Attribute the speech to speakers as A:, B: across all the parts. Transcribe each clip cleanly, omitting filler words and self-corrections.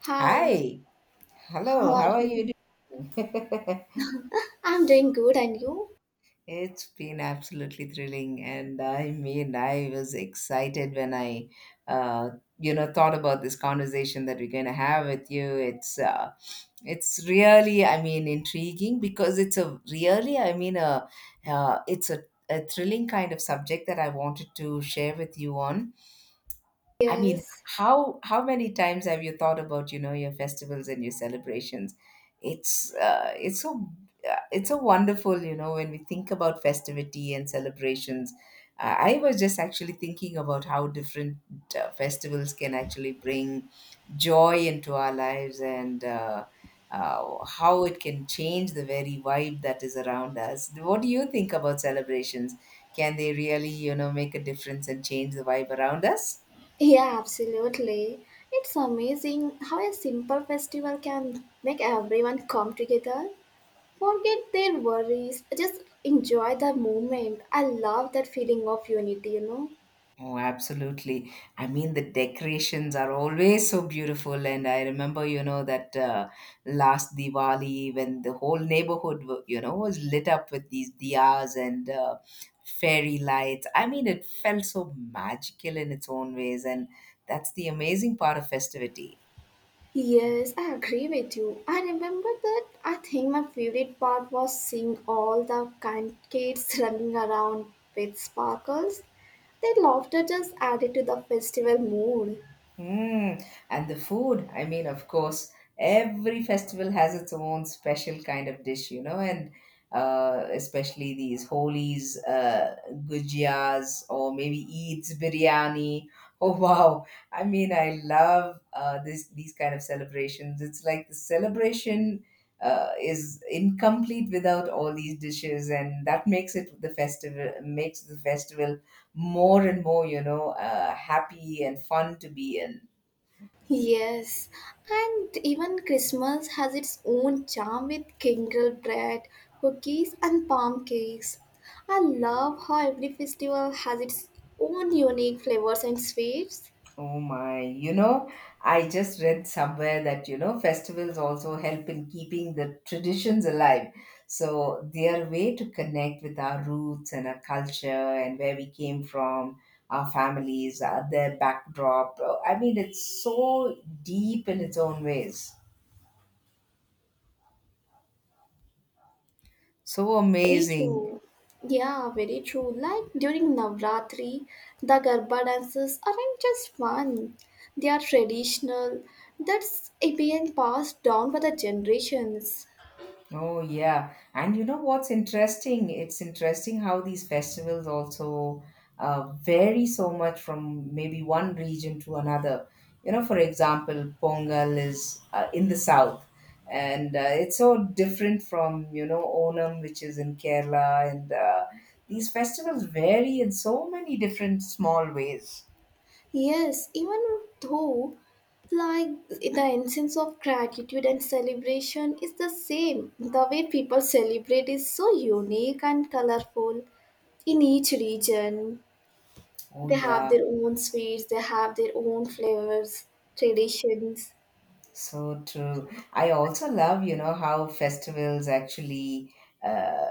A: Hi,
B: Hi,
A: how
B: hello,
A: are
B: how are you
A: you?
B: doing?
A: I'm doing good, and you?
B: It's been absolutely thrilling, and I mean, I was excited when I, uh, you know, thought about this conversation that we're going to have with you. It's really, I mean, intriguing because it's a really, I mean, uh, it's a, a thrilling kind of subject that I wanted to share with you on. I mean,
A: Yes.
B: how many times have you thought about, you know, your festivals and your celebrations? It's uh, it's so it's so wonderful, you know, when we think about festivity and celebrations. I was just actually thinking about how different festivals can actually bring joy into our lives and how it can change the very vibe that is around us. What do you think about celebrations? Can they really, you know, make a difference and change the vibe around us?
A: Yeah, absolutely. It's amazing how a simple festival can make everyone come together. Forget their worries, just enjoy the moment. I love that feeling of unity, you know?
B: Oh, absolutely. I mean, the decorations are always so beautiful. And I remember, you know, that last Diwali when the whole neighborhood, you know, was lit up with these diyas and fairy lights. I mean, it felt so magical in its own ways. And that's the amazing part of festivity.
A: Yes, I agree with you. I remember that I think my favorite part was seeing all the kind kids running around with sparkles. Their laughter just added to the festival mood.
B: Mm, and the food, I mean, of course, every festival has its own special kind of dish, you know, and especially these holies, gujias, or maybe Eid's biryani. Oh wow! I mean, I love this these kind of celebrations. It's like the celebration is incomplete without all these dishes, and that makes it the festival makes the festival more and more, you know, happy and fun to be in.
A: Yes, and even Christmas has its own charm with kindle bread, cookies, and palm cakes. I love how every festival has its own unique flavors and sweets.
B: Oh my, you know, I just read somewhere that, you know, festivals also help in keeping the traditions alive. So they are a way to connect with our roots and our culture and where we came from, our families, their backdrop. I mean, it's so deep in its own ways. So
A: Very
B: amazing.
A: true. Yeah, very true. Like during Navratri, the Garba dances aren't just fun, they are traditional. That's been passed down by the generations.
B: Oh, yeah. And you know what's interesting? It's interesting how these festivals also vary so much from maybe one region to another. You know, for example, Pongal is in the south, and it's so different from, you know, Onam, which is in Kerala. And these festivals vary in so many different small ways.
A: Yes, even though, like, the essence of gratitude and celebration is the same. The way people celebrate is so unique and colorful in each region.
B: Oh,
A: They have
B: yeah.
A: their own sweets, they have their own flavors, traditions.
B: So true. I also love, you know, how festivals actually uh,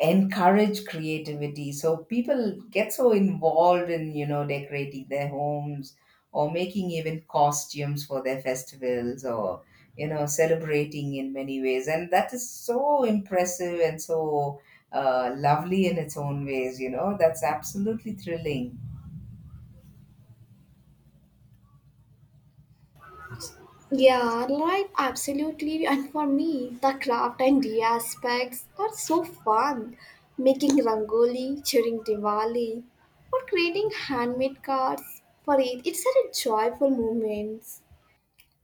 B: encourage creativity. So people get so involved in, you know, decorating their homes or making even costumes for their festivals or, you know, celebrating in many ways. And that is so impressive and so lovely in its own ways, you know. That's absolutely thrilling.
A: Yeah, right, absolutely. And for me, the craft and the aspects are so fun. Making rangoli, cheering Diwali, or creating handmade cards for it, it's such a joyful moment.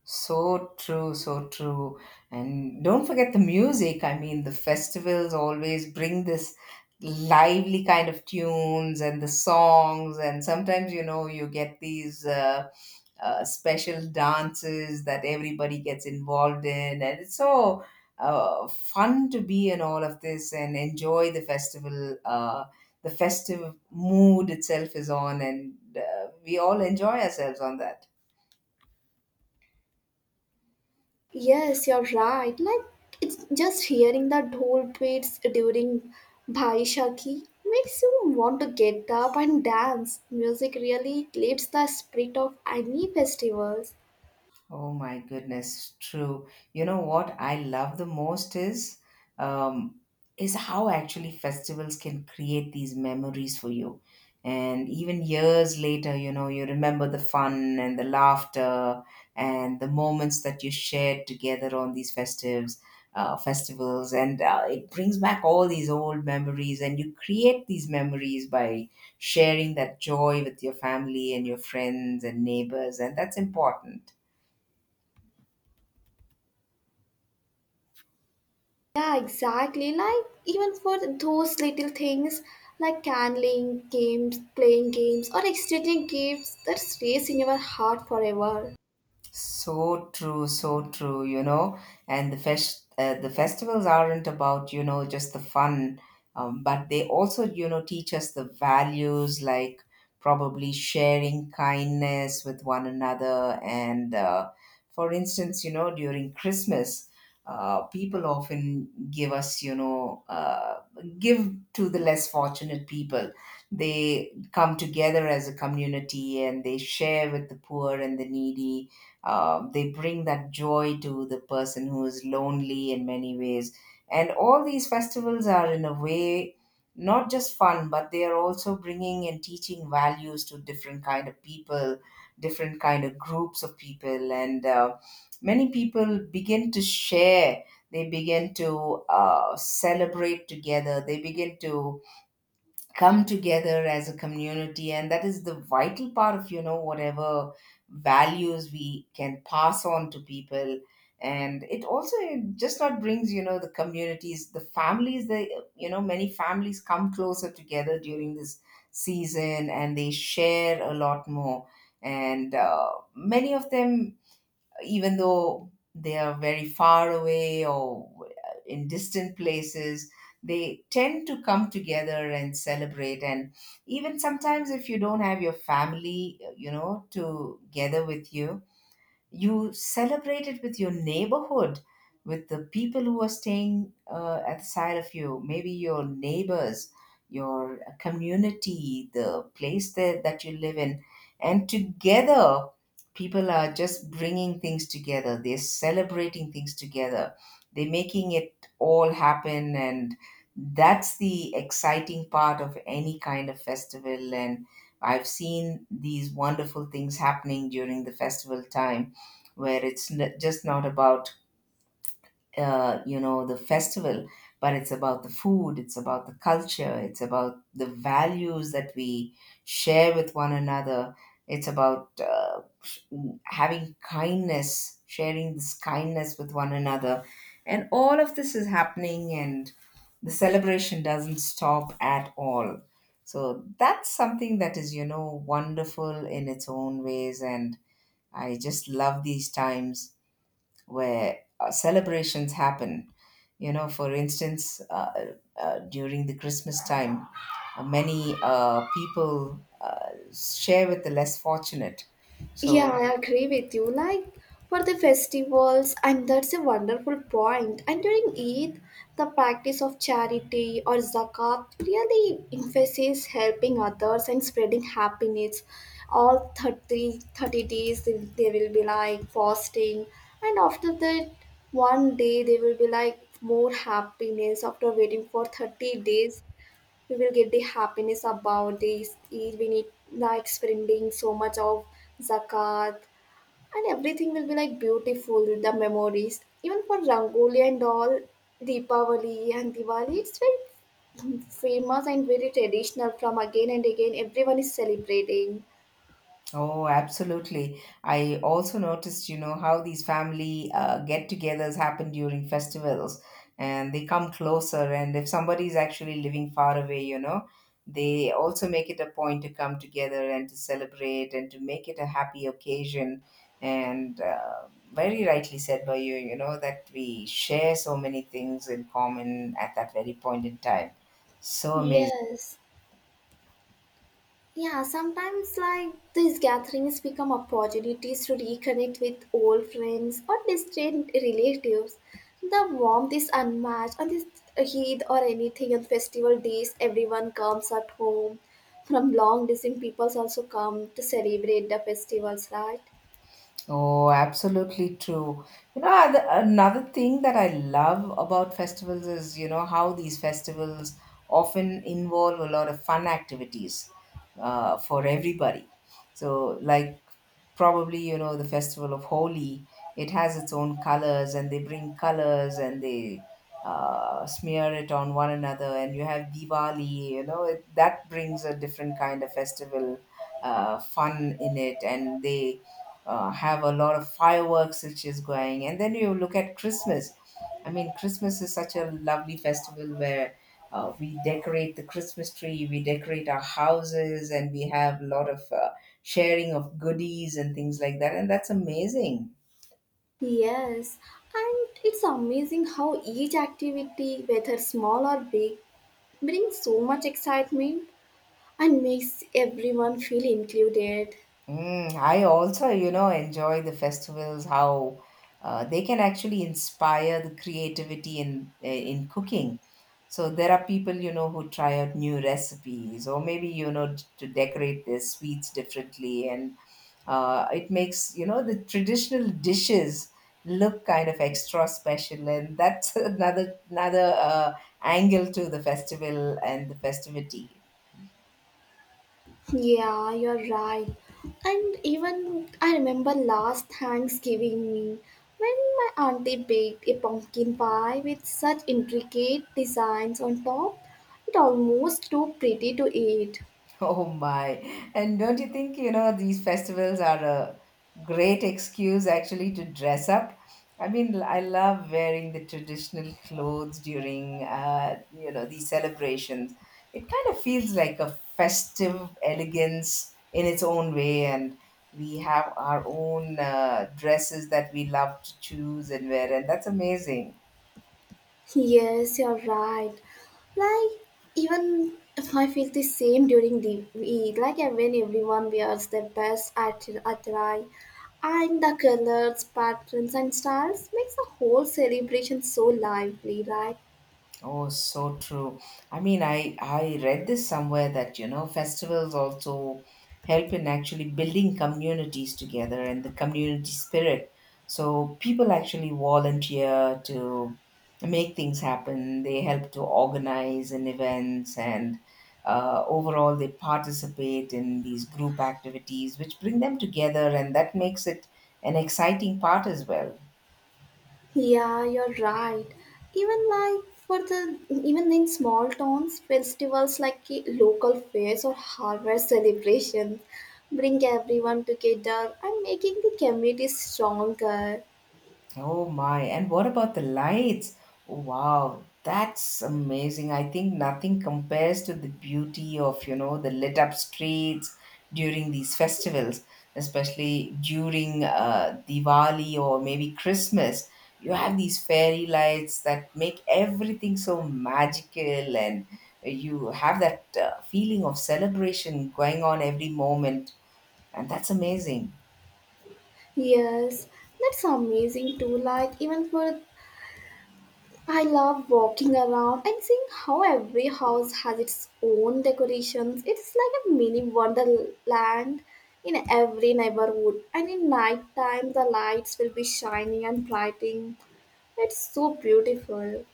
B: So true, so true. And don't forget the music. I mean, the festivals always bring this lively kind of tunes and the songs, and sometimes, you know, you get these special dances that everybody gets involved in, and it's so fun to be in all of this and enjoy the festival. The festive mood itself is on, and we all enjoy ourselves on that.
A: Yes, you're right. Like, it's just hearing the dhol beats during Bhai makes you want to get up and dance. Music really lifts the spirit of any festivals.
B: Oh my goodness, true. You know what I love the most um, is how actually festivals can create these memories for you. And even years later, you know, you remember the fun and the laughter and the moments that you shared together on these festivals, and it brings back all these old memories. And you create these memories by sharing that joy with your family and your friends and neighbors, and that's important.
A: Yeah, exactly. Like even for those little things like candling, games, playing games, or exchanging gifts that stays in your heart forever.
B: So true, you know. And the festivals aren't about, you know, just the fun, but they also, you know, teach us the values like probably sharing kindness with one another. And for instance, you know, during Christmas, people often give us, you know, give to the less fortunate people. They come together as a community and they share with the poor and the needy, they bring that joy to the person who is lonely in many ways. And all these festivals are, in a way, not just fun, but they are also bringing and teaching values to different kind of people, different kind of groups of people, and many people begin to share. They begin to celebrate together. They begin to come together as a community, and that is the vital part of, you know, whatever values we can pass on to people. And it also just not brings, you know, the communities, the families, they, you know, many families come closer together during this season, and they share a lot more. And many of them, even though they are very far away or in distant places, they tend to come together and celebrate. And even sometimes, if you don't have your family, you know, together with you, you celebrate it with your neighborhood, with the people who are staying at the side of you, maybe your neighbors, your community, the place that you live in. And together people are just bringing things together, they're celebrating things together, they're making it all happen. And that's the exciting part of any kind of festival. And I've seen these wonderful things happening during the festival time, where it's just not about you know, the festival, but it's about the food, it's about the culture, it's about the values that we share with one another. It's about having kindness, sharing this kindness with one another. And all of this is happening, and the celebration doesn't stop at all. So that's something that is, you know, wonderful in its own ways. And I just love these times where celebrations happen. You know, for instance, during the Christmas time, many people share with the less fortunate.
A: Yeah,
B: So
A: I agree with you. Like for the festivals, and that's a wonderful point. And during Eid, the practice of charity or zakat really emphasizes helping others and spreading happiness. All thirty days, they will be like fasting, and after that, one day they will be like more happiness. After waiting for 30 days, we will get the happiness about this Eid. We need like spending so much of zakat, and everything will be like beautiful, the memories. Even for Rangoli and all, Deepavali and Diwali, it's very famous and very traditional from again and again. Everyone is celebrating.
B: Oh, absolutely. I also noticed, you know, how these family get-togethers happen during festivals and they come closer. And if somebody is actually living far away, you know, they also make it a point to come together and to celebrate and to make it a happy occasion. And very rightly said by you, you know, that we share so many things in common at that very point in time. So amazing.
A: Yes. Yeah, sometimes like these gatherings become opportunities to reconnect with old friends or distant relatives. The warmth is unmatched on this Eid or anything on festival days. Everyone comes at home from long distance. People also come to celebrate the festivals, right?
B: Oh, absolutely true. You know, another thing that I love about festivals is, you know, how these festivals often involve a lot of fun activities for everybody. So, like probably you know the festival of Holi. It has its own colors, and they bring colors and they smear it on one another. And you have Diwali. You know it, that brings a different kind of festival fun in it, and they have a lot of fireworks which is going. And then you look at Christmas. I mean, Christmas is such a lovely festival where we decorate the Christmas tree, we decorate our houses, and we have a lot of sharing of goodies and things like that. And that's amazing.
A: Yes, and it's amazing how each activity, whether small or big, brings so much excitement and makes everyone feel included.
B: Mm, I also, you know, enjoy the festivals, how they can actually inspire the creativity in in cooking. So there are people, you know, who try out new recipes or maybe, you know, to decorate their sweets differently. And it makes, you know, the traditional dishes look kind of extra special. And that's another angle to the festival and the festivity.
A: Yeah, you're right. And even I remember last Thanksgiving meal when my auntie baked a pumpkin pie with such intricate designs on top, it almost too pretty to eat.
B: Oh my. And don't you think, you know, these festivals are a great excuse actually to dress up? I mean, I love wearing the traditional clothes during, you know, these celebrations. It kind of feels like a festive elegance in its own way. And we have our own dresses that we love to choose and wear. And that's amazing.
A: Yes, you're right. Like even if I feel the same during the Eid, like when everyone wears their best attire, attire and the colors, patterns, and styles makes the whole celebration so lively, right?
B: Oh, so true. I mean, I read this somewhere that, you know, festivals also help in actually building communities together and the community spirit. So people actually volunteer to make things happen. They help to organize in events, and overall they participate in these group activities which bring them together and that makes it an exciting part as well.
A: Yeah, you're right. Even like for the even in small towns, festivals like local fairs or harvest celebrations bring everyone together and making the community stronger.
B: Oh my, and what about the lights? Wow, that's amazing. I think nothing compares to the beauty of, you know, the lit up streets during these festivals, especially during Diwali or maybe Christmas. You have these fairy lights that make everything so magical, and you have that feeling of celebration going on every moment, and that's amazing.
A: Yes, that's amazing too. Like even for, I love walking around and seeing how every house has its own decorations. It's like a mini wonderland in every neighborhood. And in night time, the lights will be shining and brightening. It's so beautiful.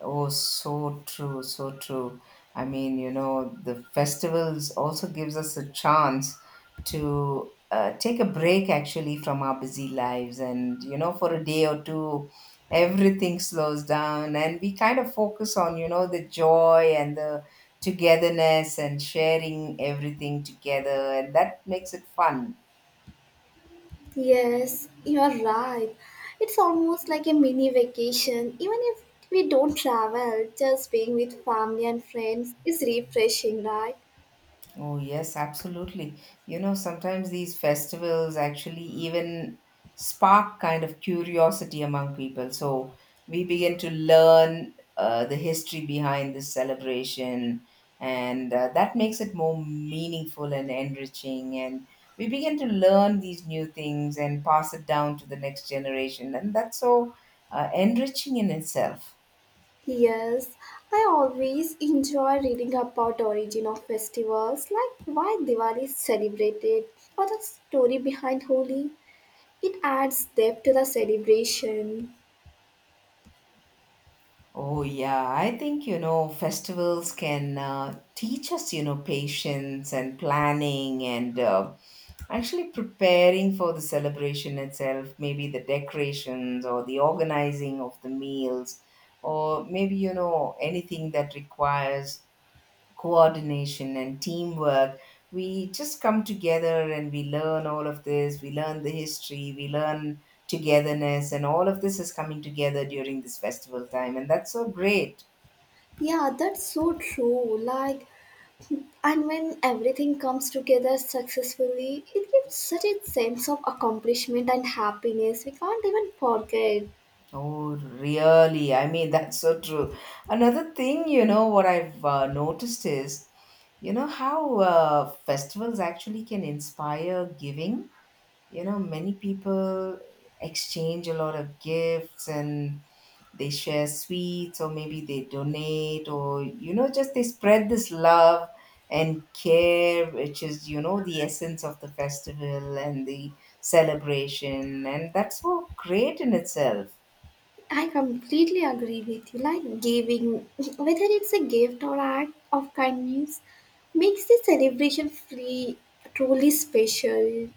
B: Oh, so true, so true. I mean, you know, the festivals also gives us a chance to take a break actually from our busy lives and, you know, for a day or two, everything slows down and we kind of focus on, you know, the joy and the togetherness and sharing everything together and that makes it fun.
A: Yes, you are right. It's almost like a mini vacation. Even if we don't travel, just being with family and friends is refreshing, right?
B: Oh, yes, absolutely. You know, sometimes these festivals actually even spark kind of curiosity among people. So we begin to learn the history behind this celebration, and that makes it more meaningful and enriching. And we begin to learn these new things and pass it down to the next generation. And that's so enriching in itself.
A: Yes, I always enjoy reading about origin of festivals, like why Diwali is celebrated or the story behind Holi. It adds depth to the celebration.
B: Oh, yeah. I think, you know, festivals can teach us, you know, patience and planning and actually preparing for the celebration itself, maybe the decorations or the organizing of the meals, or maybe, you know, anything that requires coordination and teamwork. We just come together and we learn all of this. We learn the history, we learn togetherness, and all of this is coming together during this festival time. And that's so great.
A: Yeah, that's so true. Like, and when everything comes together successfully, it gives such a sense of accomplishment and happiness we can't even forget.
B: Oh, really? I mean, that's so true. Another thing, you know, what I've noticed is, you know, how festivals actually can inspire giving. You know, many people exchange a lot of gifts and they share sweets, or maybe they donate, or you know, just they spread this love and care, which is, you know, the essence of the festival and the celebration. And that's so great in itself.
A: I completely agree with you. Like giving, whether it's a gift or act of kindness, makes the celebration free truly special.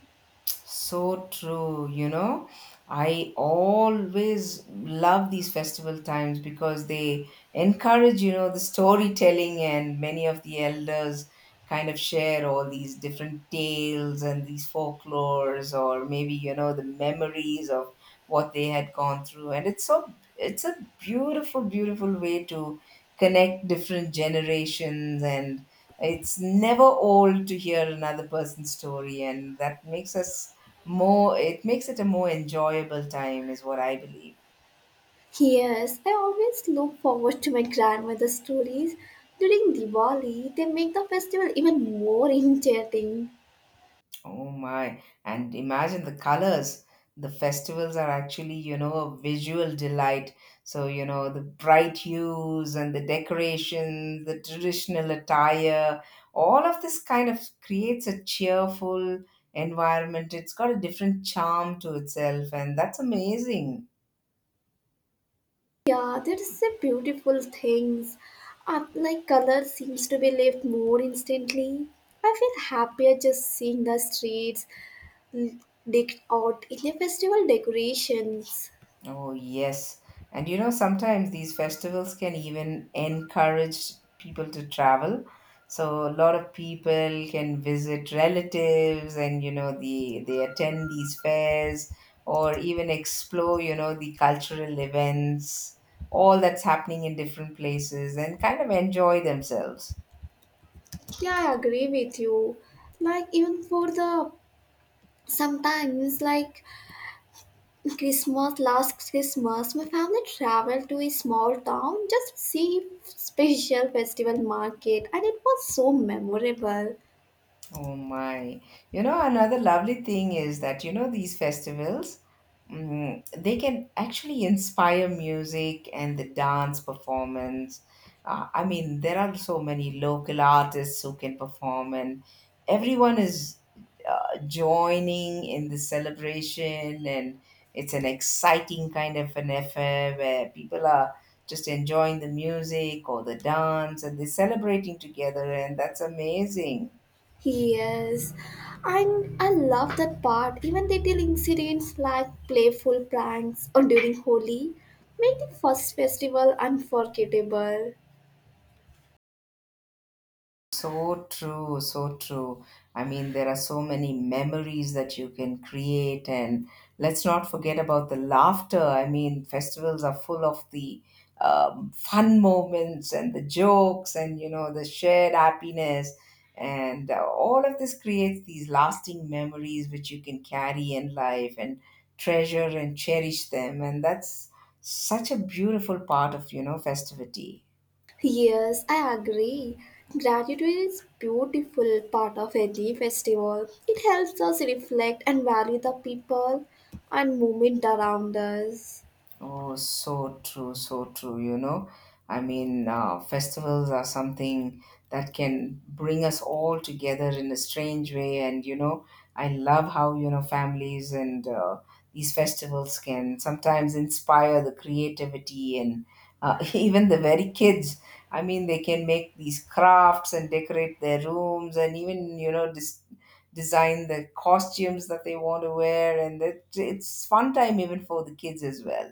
B: So true, you know. I always love these festival times because they encourage, you know, the storytelling, and many of the elders kind of share all these different tales and these folklores, or maybe, you know, the memories of what they had gone through. And it's so, it's a beautiful, beautiful way to connect different generations. And it's never old to hear another person's story, and that makes us more, it makes it a more enjoyable time is what I believe.
A: Yes, I always look forward to my grandmother's stories during Diwali. They make the festival even more enchanting.
B: Oh my, and imagine the colors. The festivals are actually, you know, a visual delight. So you know, the bright hues and the decorations, the traditional attire, all of this kind of creates a cheerful environment. It's got a different charm to itself, and that's amazing.
A: Yeah, there is a beautiful things. Like color seems to be lived more instantly. I feel happier just seeing the streets or in the festival decorations.
B: Oh, yes. And you know, sometimes these festivals can even encourage people to travel. So a lot of people can visit relatives and, you know, they attend these fairs or even explore, you know, the cultural events, all that's happening in different places, and kind of enjoy themselves.
A: Yeah, I agree with you. Like even for the sometimes like Christmas, last Christmas, my family traveled to a small town just to see special festival market, and it was so memorable.
B: Oh my. You know, another lovely thing is that, you know, these festivals, mm, they can actually inspire music and the dance performance. I mean, there are so many local artists who can perform, and everyone is joining in the celebration, and it's an exciting kind of an affair where people are just enjoying the music or the dance, and they're celebrating together, and that's amazing.
A: Yes, and I love that part. Even little incidents like playful pranks or during Holi make the first festival unforgettable.
B: So true, so true. I mean, there are so many memories that you can create, and let's not forget about the laughter. I mean, festivals are full of the fun moments and the jokes, and you know, the shared happiness. And all of this creates these lasting memories, which you can carry in life and treasure and cherish them. And that's such a beautiful part of, you know, festivity.
A: Yes, I agree. Gratitude is beautiful part of any festival. It helps us reflect and value the people and movement around us.
B: Oh, so true, so true. You know, I mean, festivals are something that can bring us all together in a strange way. And, you know, I love how, you know, families and these festivals can sometimes inspire the creativity and even the very kids. I mean, they can make these crafts and decorate their rooms and even, you know, design the costumes that they want to wear. And it, it's fun time even for the kids as well.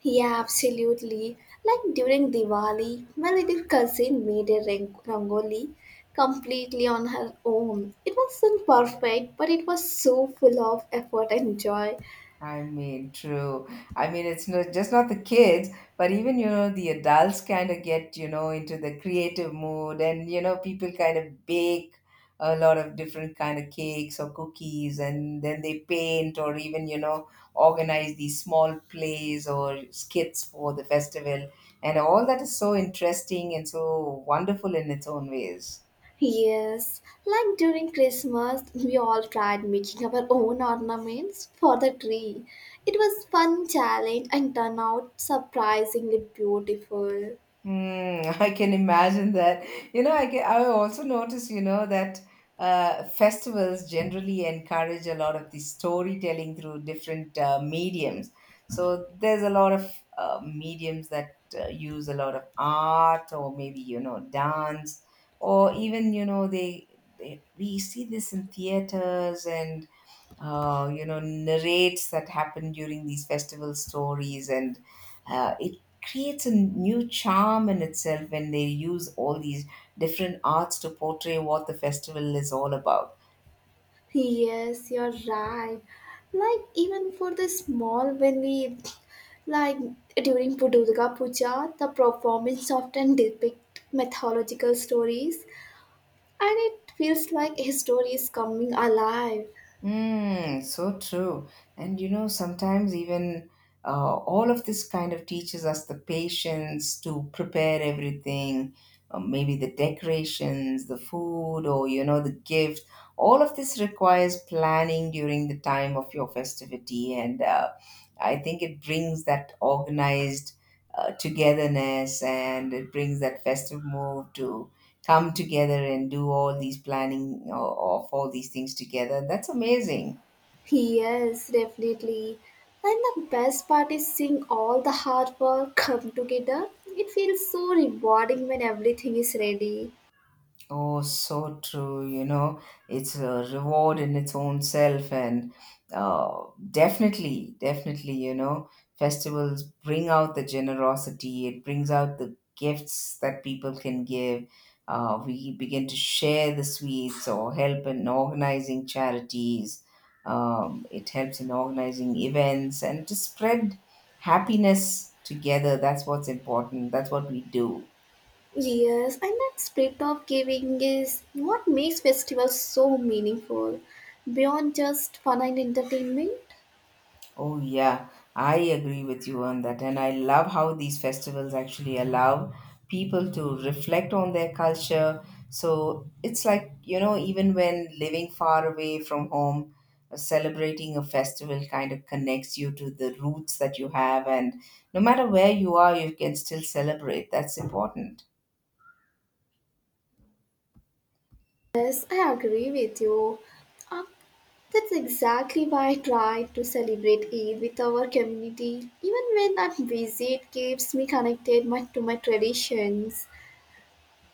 A: Yeah, absolutely. Like during Diwali, my little cousin made a rangoli completely on her own. It wasn't perfect, but it was so full of effort and joy.
B: I mean, true. I mean, it's not just not the kids, but even you know, the adults kind of get, you know, into the creative mood. And you know, people kind of bake a lot of different kind of cakes or cookies, and then they paint, or even you know, organize these small plays or skits for the festival, and all that is so interesting and so wonderful in its own ways.
A: Yes, like during Christmas, we all tried making our own ornaments for the tree. It was fun challenge and turned out surprisingly beautiful.
B: Mm, I can imagine that. You know, I can, I also notice, you know, that festivals generally encourage a lot of the storytelling through different mediums. So there's a lot of mediums that use a lot of art, or maybe, you know, dance, or even, you know, they we see this in theaters, and you know, narrates that happen during these festival stories. And it creates a new charm in itself when they use all these different arts to portray what the festival is all about.
A: Yes, you're right. Like even for the small when we like during Durga Puja, the performance often depict mythological stories and it feels like a story is coming alive.
B: Mm, so true. And you know, sometimes even all of this kind of teaches us the patience to prepare everything, maybe the decorations, the food, or you know, the gift. All of this requires planning during the time of your festivity. And I think it brings that organized togetherness, and it brings that festive mood to come together and do all these planning of all these things together. That's amazing.
A: Yes, definitely. And the best part is seeing all the hard work come together. It feels so rewarding when everything is ready.
B: Oh, so true. You know, it's a reward in its own self. And uh, definitely, definitely, you know, festivals bring out the generosity. It brings out the gifts that people can give. We begin to share the sweets or help in organizing charities. It helps in organizing events and to spread happiness together. That's what's important. That's what we do.
A: Yes, and that spirit of giving is what makes festivals so meaningful. Beyond just fun and entertainment.
B: Oh, yeah, I agree with you on that. And I love how these festivals actually allow people to reflect on their culture. So it's like, you know, even when living far away from home, celebrating a festival kind of connects you to the roots that you have. And no matter where you are, you can still celebrate. That's important.
A: Yes, I agree with you. Uh, that's exactly why I try to celebrate Eid with our community. Even when I'm busy, it keeps me connected my, to my traditions.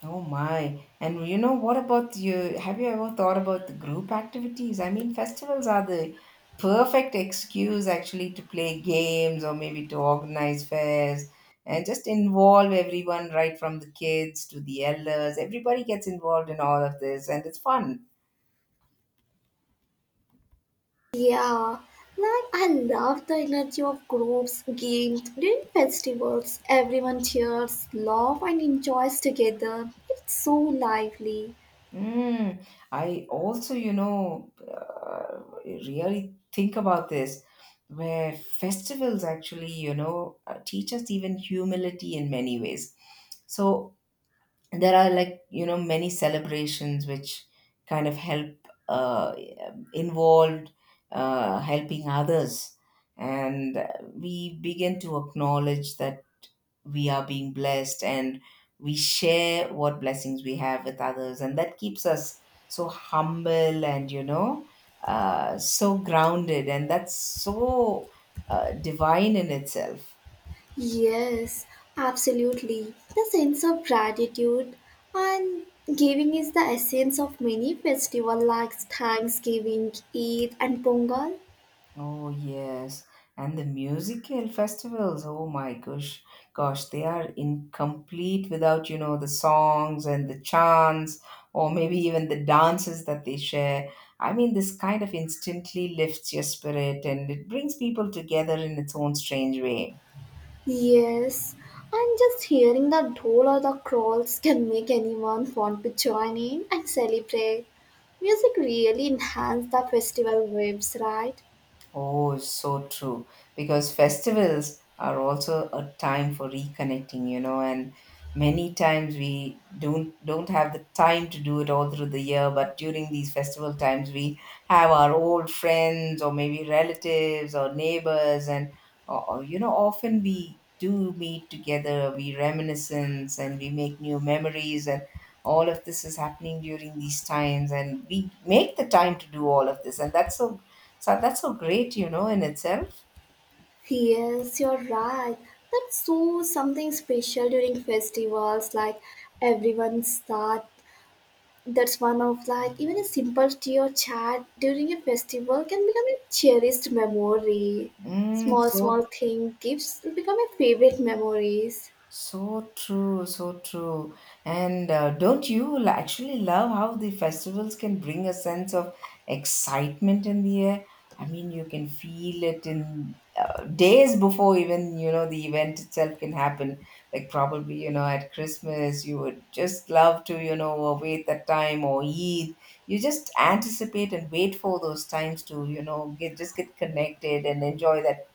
B: Oh my. And you know, what about you? Have you ever thought about the group activities? I mean, festivals are the perfect excuse actually to play games, or maybe to organize fairs and just involve everyone, right from the kids to the elders. Everybody gets involved in all of this, and it's fun.
A: Yeah, like I love the energy of groups, games, during festivals. Everyone cheers, laughs, and enjoys together. It's so lively.
B: Mm, I also, you know, really think about this, where festivals actually, you know, teach us even humility in many ways. So there are, like, you know, many celebrations which kind of help uh, involved helping others. And we begin to acknowledge that we are being blessed, and we share what blessings we have with others, and that keeps us so humble. And you know, so grounded, and that's so divine in itself.
A: Yes, absolutely. The sense of gratitude and giving is the essence of many festivals like Thanksgiving, Eid, and Pongal.
B: Oh yes, and the musical festivals. Oh my gosh, gosh, they are incomplete without, you know, the songs and the chants, or maybe even the dances that they share. I mean, this kind of instantly lifts your spirit, and it brings people together in its own strange way.
A: Yes, and just hearing the dhol or the crawls can make anyone want to join in and celebrate. Music really enhances the festival vibes, right?
B: Oh, so true. Because festivals are also a time for reconnecting, you know. And many times we don't have the time to do it all through the year, but during these festival times, we have our old friends or maybe relatives or neighbors. And you know, often we do meet together, we reminiscence, and we make new memories. And all of this is happening during these times, and we make the time to do all of this. And that's so, that's so great, you know, in itself.
A: Yes, you're right. That's so something special during festivals. Like everyone start. That's one of like even a simple tea or chat during a festival can become a cherished memory.
B: Mm,
A: Small small thing gives become a favorite memories.
B: so true, so true. And don't you actually love how the festivals can bring a sense of excitement in the air? I mean, you can feel it in days before even, you know, the event itself can happen. Like probably you know, at Christmas you would just love to, you know, wait that time, or Eid. You just anticipate and wait for those times to, you know, get, just get connected and enjoy that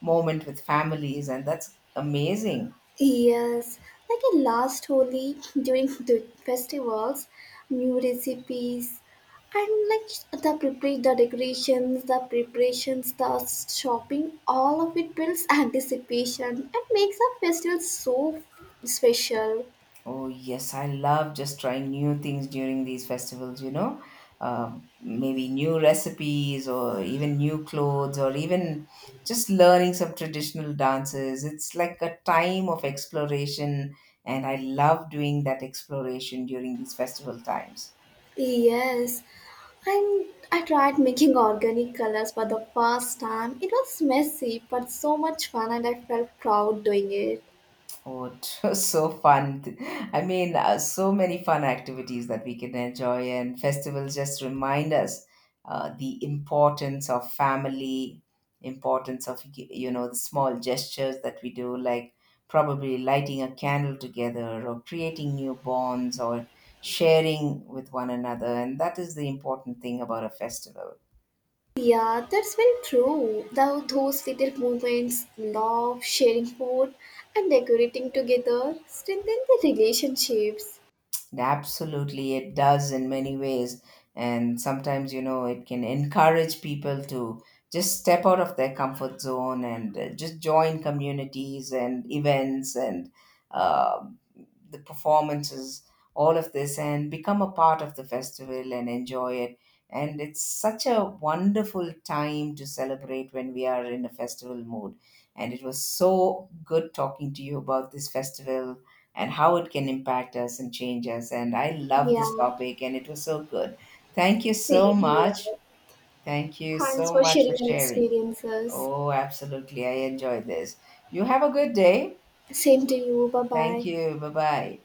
B: moment with families, and that's amazing.
A: Yes, like a last Holi during the festivals, new recipes, and like the prepare the decorations, the preparations, the shopping, all of it builds anticipation and makes the festival so special.
B: Oh, yes, I love just trying new things during these festivals, you know, maybe new recipes or even new clothes, or even just learning some traditional dances. It's like a time of exploration, and I love doing that exploration during these festival times.
A: Yes, and I tried making organic colors for the first time. It was messy, but so much fun, and I felt proud doing it.
B: Oh, it was so fun. I mean, so many fun activities that we can enjoy, and festivals just remind us the importance of family, importance of, you know, the small gestures that we do, like probably lighting a candle together or creating new bonds or sharing with one another. And that is the important thing about a festival.
A: Yeah, that's very true. Though those little moments, love, sharing food, and decorating together strengthen the relationships.
B: Absolutely, it does in many ways. And sometimes, you know, it can encourage people to just step out of their comfort zone and just join communities and events, and uh, the performances, all of this, and become a part of the festival and enjoy it. And it's such a wonderful time to celebrate when we are in a festival mood. And it was so good talking to you about this festival and how it can impact us and change us. And I love this
A: Yeah,
B: topic, and it was so good. Thank you so
A: same here.
B: much. Thank you
A: Thanks
B: so
A: for
B: much for
A: sharing your
B: sharing.
A: experiences.
B: Oh, absolutely. I enjoyed this. You have a good day.
A: Same to you. Bye
B: Thank
A: bye.
B: you. Bye bye.